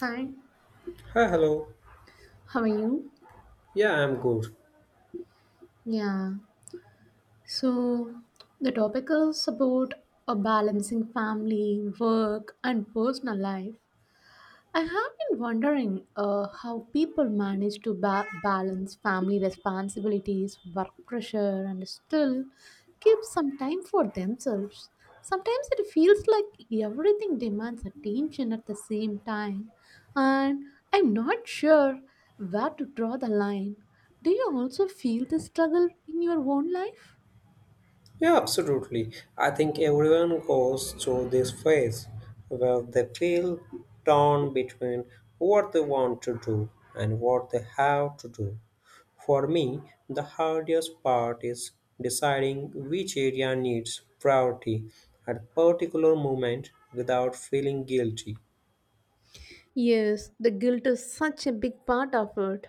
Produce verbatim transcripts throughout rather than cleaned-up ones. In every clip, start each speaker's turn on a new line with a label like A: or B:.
A: Hi,
B: Hi, hello.
A: how are you?
B: Yeah, I'm good.
A: Yeah, so the topic is about a balancing family, work, and personal life. I have been wondering uh, how people manage to ba- balance family responsibilities, work pressure, and still keep some time for themselves. Sometimes it feels like everything demands attention at the same time, and I'm not sure where to draw the line. Do you also feel this struggle in your own life?
B: Yeah, absolutely. I think everyone goes through this phase where they feel torn between what they want to do and what they have to do. For me, the hardest part is deciding which area needs priority at a particular moment without feeling guilty.
A: Yes, the guilt is such a big part of it.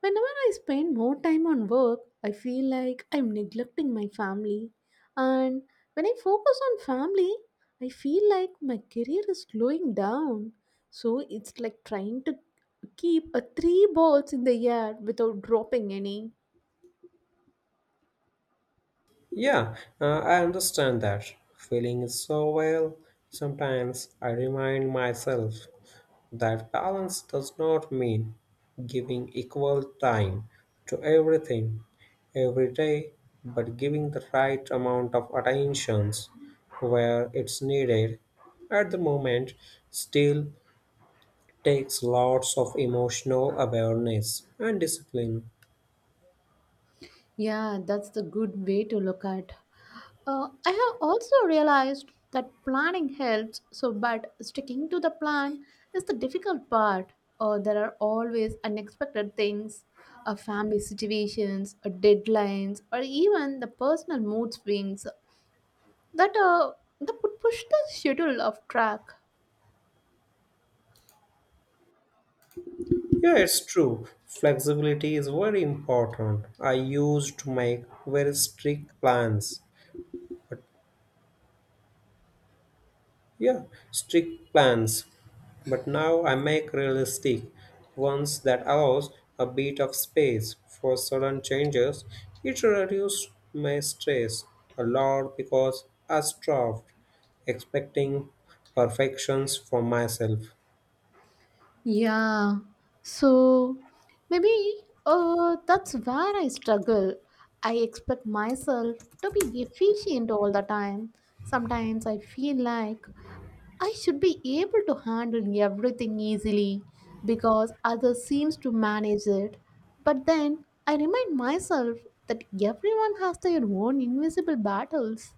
A: Whenever I spend more time on work, I feel like I'm neglecting my family. And when I focus on family, I feel like my career is slowing down. So it's like trying to keep a three balls in the air without dropping any.
B: Yeah, uh, I understand that feeling is so well. Sometimes I remind myself that balance does not mean giving equal time to everything every day, but giving the right amount of attentions where it's needed. At the moment, still takes lots of emotional awareness and discipline.
A: Yeah, that's the good way to look at. Uh, I have also realized that planning helps, so but sticking to the plan is the difficult part. Uh, there are always unexpected things, uh, family situations, uh, deadlines, or even the personal mood swings that uh, that would push the schedule off track.
B: Yeah, it's true. Flexibility is very important. I used to make very strict plans, but yeah, strict plans. But now I make realistic ones that allows a bit of space for sudden changes. It reduced my stress a lot because I stopped expecting perfections from myself.
A: Yeah. So maybe uh, that's where I struggle. I expect myself to be efficient all the time. Sometimes I feel like I should be able to handle everything easily because others seems to manage it. But then I remind myself that everyone has their own invisible battles.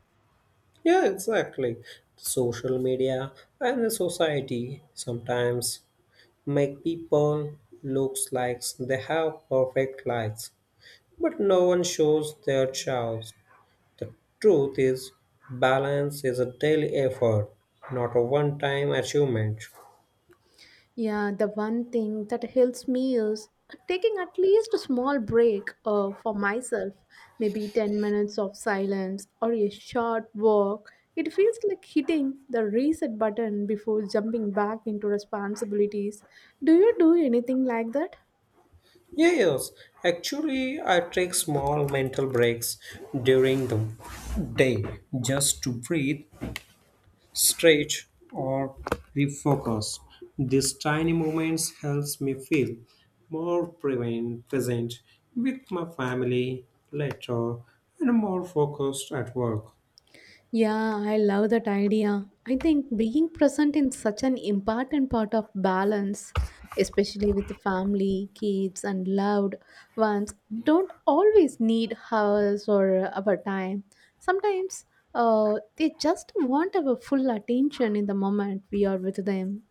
B: Yeah, exactly. Social media and the society sometimes make people looks like they have perfect lives, but no one shows their chows. The truth is, balance is a daily effort, not a one-time achievement.
A: Yeah, the one thing that helps me is taking at least a small break uh, for myself, maybe ten minutes of silence or a short walk. It feels like hitting the reset button before jumping back into responsibilities. Do you do anything like that?
B: Yes, actually, I take small mental breaks during the day just to breathe stretch or refocus. These tiny moments helps me feel more prevent- present with my family later and more focused at work.
A: Yeah, I love that idea. I think being present is such an important part of balance, especially with the family, kids, and loved ones. Don't always need hours or our time. Sometimes uh, they just want our full attention in the moment we are with them.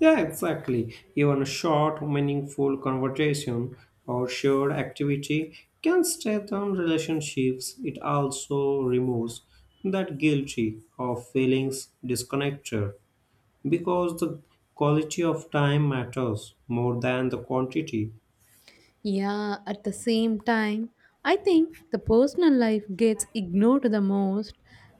B: Yeah, exactly. Even a short, meaningful conversation or shared activity can strengthen relationships. It also removes that guilty of feelings disconnected. Because the quality of time matters more than the quantity.
A: Yeah, at the same time, I think the personal life gets ignored the most.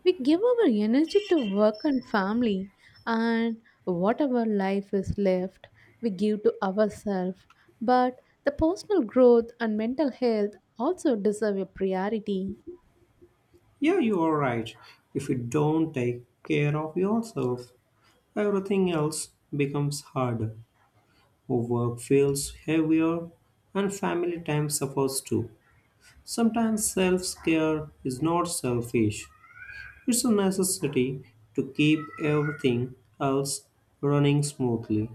A: We give our energy to work and family, and whatever life is left, we give to ourselves. But the personal growth and mental health also deserve a priority.
B: Yeah, you are right. If you don't take care of yourself, everything else becomes harder. Work feels heavier, and family time suffers too. Sometimes self care is not selfish, it's a necessity to keep everything else running smoothly.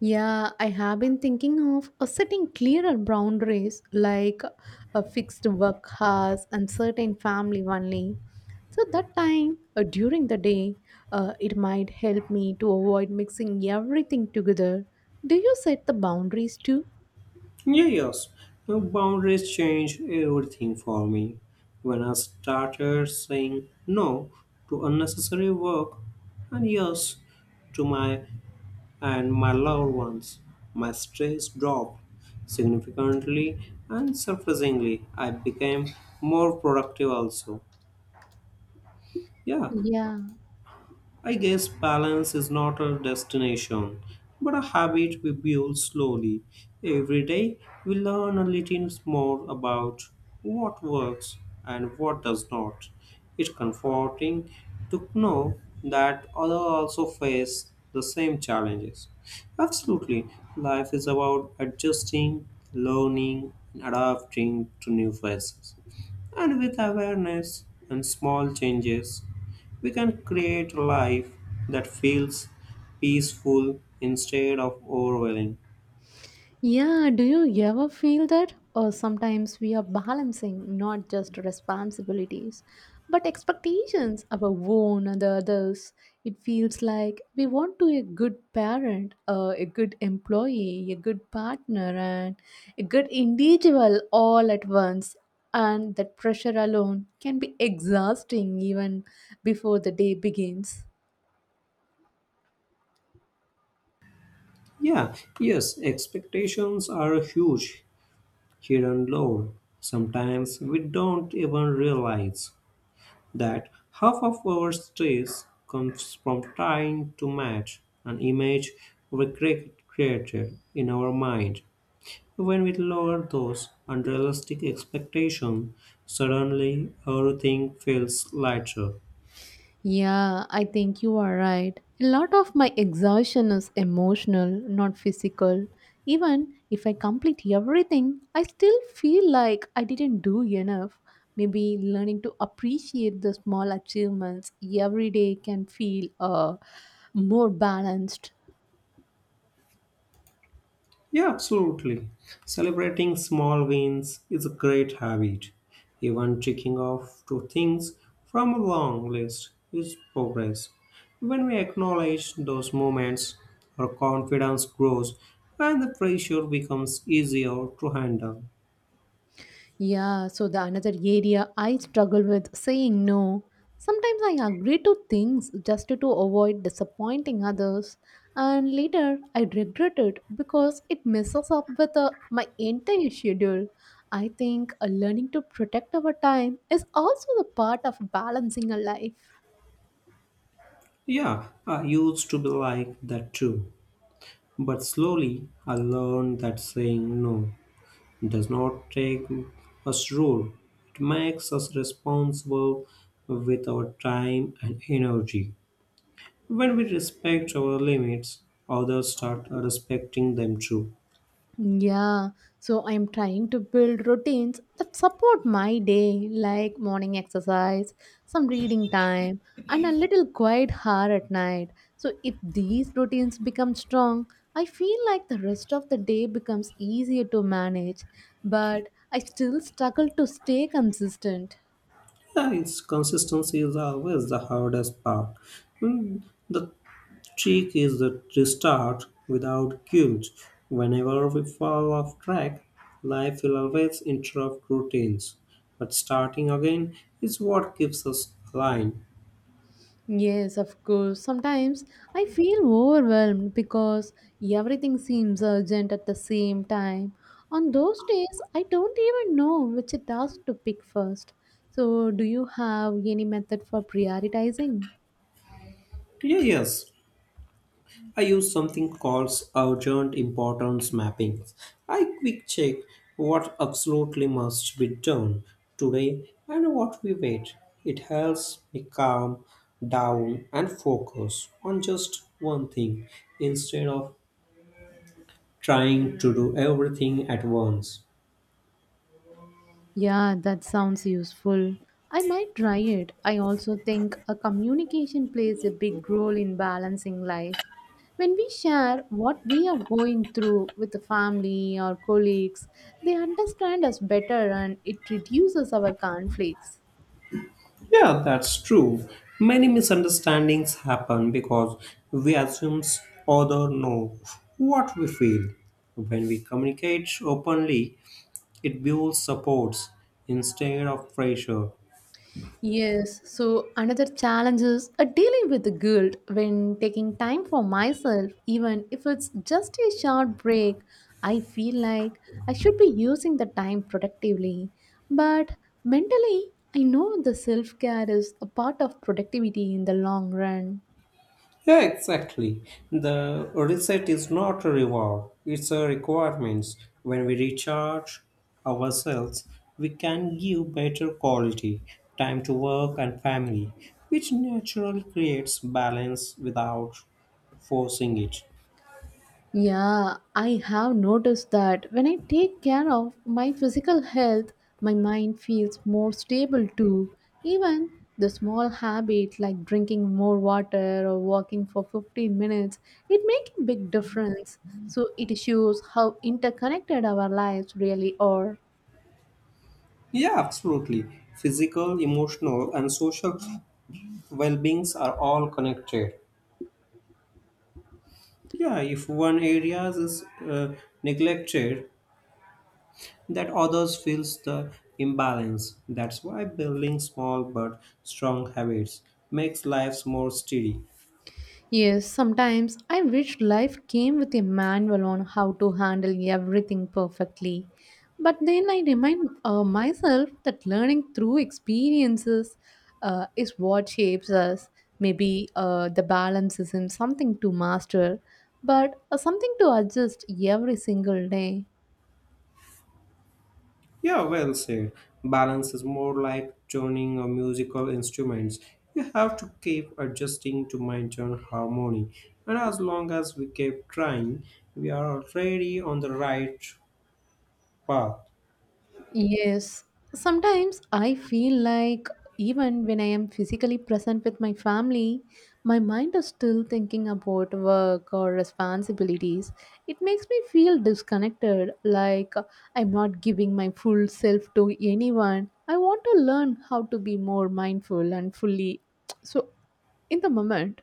A: Yeah, I have been thinking of uh, setting clearer boundaries like a fixed work hours and certain family only. So that time uh, during the day, uh, it might help me to avoid mixing everything together. Do you set the boundaries too?
B: Yeah, yes. Now, boundaries changed everything for me. When I started saying no to unnecessary work and yes to my and my loved ones, my stress dropped significantly and surprisingly I became more productive also. Yeah,
A: Yeah.
B: I guess balance is not a destination, but a habit we build slowly. Every day, we learn a little more about what works and what does not. It's comforting to know that others also face the same challenges. Absolutely, life is about adjusting, learning, and adapting to new phases. And with awareness and small changes, we can create a life that feels peaceful instead of overwhelming.
A: Yeah, do you ever feel that? Or sometimes we are balancing not just responsibilities, but expectations of our own and the others. It feels like we want to be a good parent, uh, a good employee, a good partner, and a good individual all at once. And that pressure alone can be exhausting even before the day begins.
B: Yeah, yes, expectations are a huge hidden load. Sometimes we don't even realize that half of our stress comes from trying to match an image we cre- created in our mind. When we lower those unrealistic expectations, suddenly everything feels lighter.
A: Yeah, I think you are right. A lot of my exhaustion is emotional, not physical. Even if I complete everything, I still feel like I didn't do enough. Maybe learning to appreciate the small achievements every day can feel uh, more balanced.
B: Yeah, absolutely. Celebrating small wins is a great habit. Even ticking off two things from a long list is progress. When we acknowledge those moments, our confidence grows and the pressure becomes easier to handle.
A: Yeah, so the another area I struggle with saying no. Sometimes I agree to things just to avoid disappointing others, and later I regret it because it messes up with uh, my entire schedule. I think uh, learning to protect our time is also the part of balancing a life.
B: Yeah, I used to be like that too. But slowly, I learned that saying no does not take us rule. It makes us responsible with our time and energy. When we respect our limits, others start respecting them too.
A: Yeah, so I'm trying to build routines that support my day, like morning exercise, some reading time, and a little quiet hour at night. So, if these routines become strong, I feel like the rest of the day becomes easier to manage, but I still struggle to stay consistent.
B: Yeah, it's consistency is always the hardest part. Hmm, the trick is that to start without guilt. Whenever we fall off track, life will always interrupt routines. But starting again is what keeps us aligned.
A: Yes, of course. Sometimes I feel overwhelmed because everything seems urgent at the same time. On those days, I don't even know which task to pick first. So, do you have any method for prioritizing?
B: Yeah, yes, I use something called urgent importance mapping. I quick check what absolutely must be done today and what we wait. It helps me calm down and focus on just one thing instead of trying to do everything at once.
A: Yeah, that sounds useful. I might try it. I also think a communication plays a big role in balancing life. When we share what we are going through with the family or colleagues, they understand us better and it reduces our conflicts.
B: Yeah, that's true. Many misunderstandings happen because we assume others know what we feel. When we communicate openly, it builds supports instead of pressure.
A: Yes, so another challenge is uh, dealing with the guilt when taking time for myself, even if it's just a short break. I feel like I should be using the time productively, but mentally, I know the self care is a part of productivity in the long run.
B: Yeah, exactly. The reset is not a reward, it's a requirement. When we recharge ourselves, we can give better quality time to work and family, which naturally creates balance without forcing it.
A: Yeah, I have noticed that when I take care of my physical health, my mind feels more stable too. Even the small habit like drinking more water or walking for fifteen minutes, it makes a big difference. So it shows how interconnected our lives really are.
B: Yeah, absolutely. Physical, emotional, and social well beings are all connected. Yeah, if one area is uh, neglected, that others feels the imbalance. That's why building small but strong habits makes lives more steady.
A: Yes, sometimes I wish life came with a manual on how to handle everything perfectly. But then I remind uh, myself that learning through experiences uh, is what shapes us. Maybe uh, the balance isn't something to master, but uh, something to adjust every single day.
B: Yeah, well said. Balance is more like tuning a musical instruments. You have to keep adjusting to maintain harmony. And as long as we keep trying, we are already on the right path.
A: Yes, sometimes I feel like even when I am physically present with my family, my mind is still thinking about work or responsibilities. It makes me feel disconnected, like I'm not giving my full self to anyone. I want to learn how to be more mindful and fully so in the moment.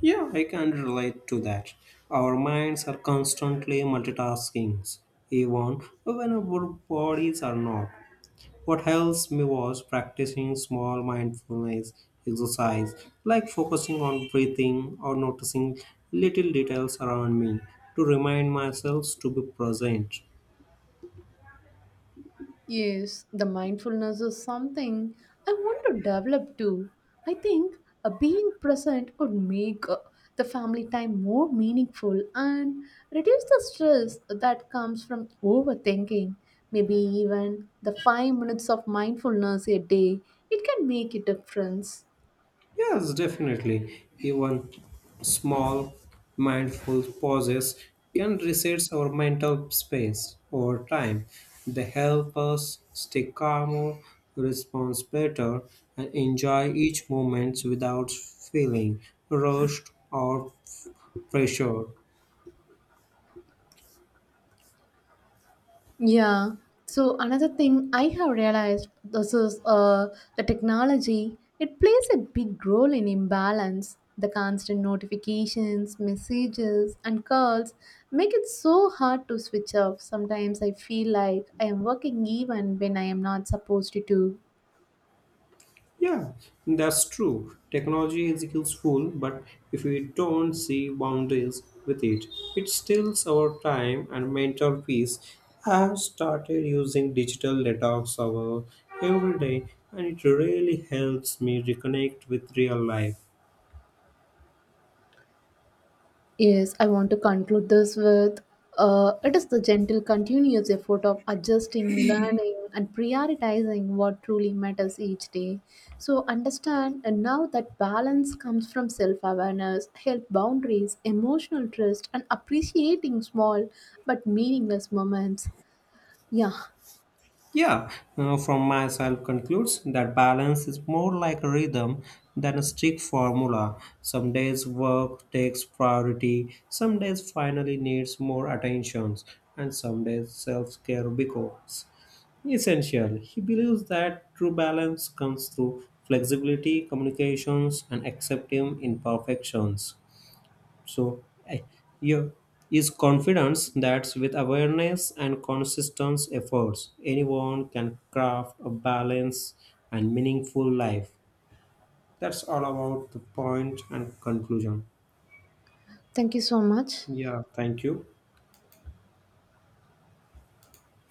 B: Yeah, I can relate to that. Our minds are constantly multitasking, even when our bodies are not. What helps me was practicing small mindfulness exercise, like focusing on breathing or noticing little details around me to remind myself to be present.
A: Yes, the mindfulness is something I want to develop too. I think uh, being present would make uh, the family time more meaningful and reduce the stress that comes from overthinking. Maybe even the five minutes of mindfulness a day, it can make a difference.
B: Yes, definitely. Even small mindful pauses can reset our mental space over time. They help us stay calmer, respond better, and enjoy each moment without feeling rushed or pressured.
A: Yeah. So another thing I have realized this is uh, the technology. It plays a big role in imbalance. The constant notifications, messages, and calls make it so hard to switch off. Sometimes I feel like I am working even when I am not supposed to.
B: Yeah, that's true. Technology is useful, but if we don't see boundaries with it, it steals our time and mental peace. I have started using digital detox hour every day, and it really helps me reconnect with real life.
A: Yes, I want to conclude this with uh, it is the gentle, continuous effort of adjusting, learning, and prioritizing what truly matters each day. So, understand and now that balance comes from self awareness, health boundaries, emotional trust, and appreciating small but meaningless moments. Yeah,
B: Yeah, uh, from myself concludes that balance is more like a rhythm than a strict formula. Some days work takes priority, some days finally needs more attentions, and some days self-care becomes essential. He believes that true balance comes through flexibility, communications, and accepting imperfections. So I- you is confidence that with awareness and consistent efforts, anyone can craft a balanced and meaningful life. That's all about the point and conclusion.
A: thank you so much.
B: Yeah, thank you.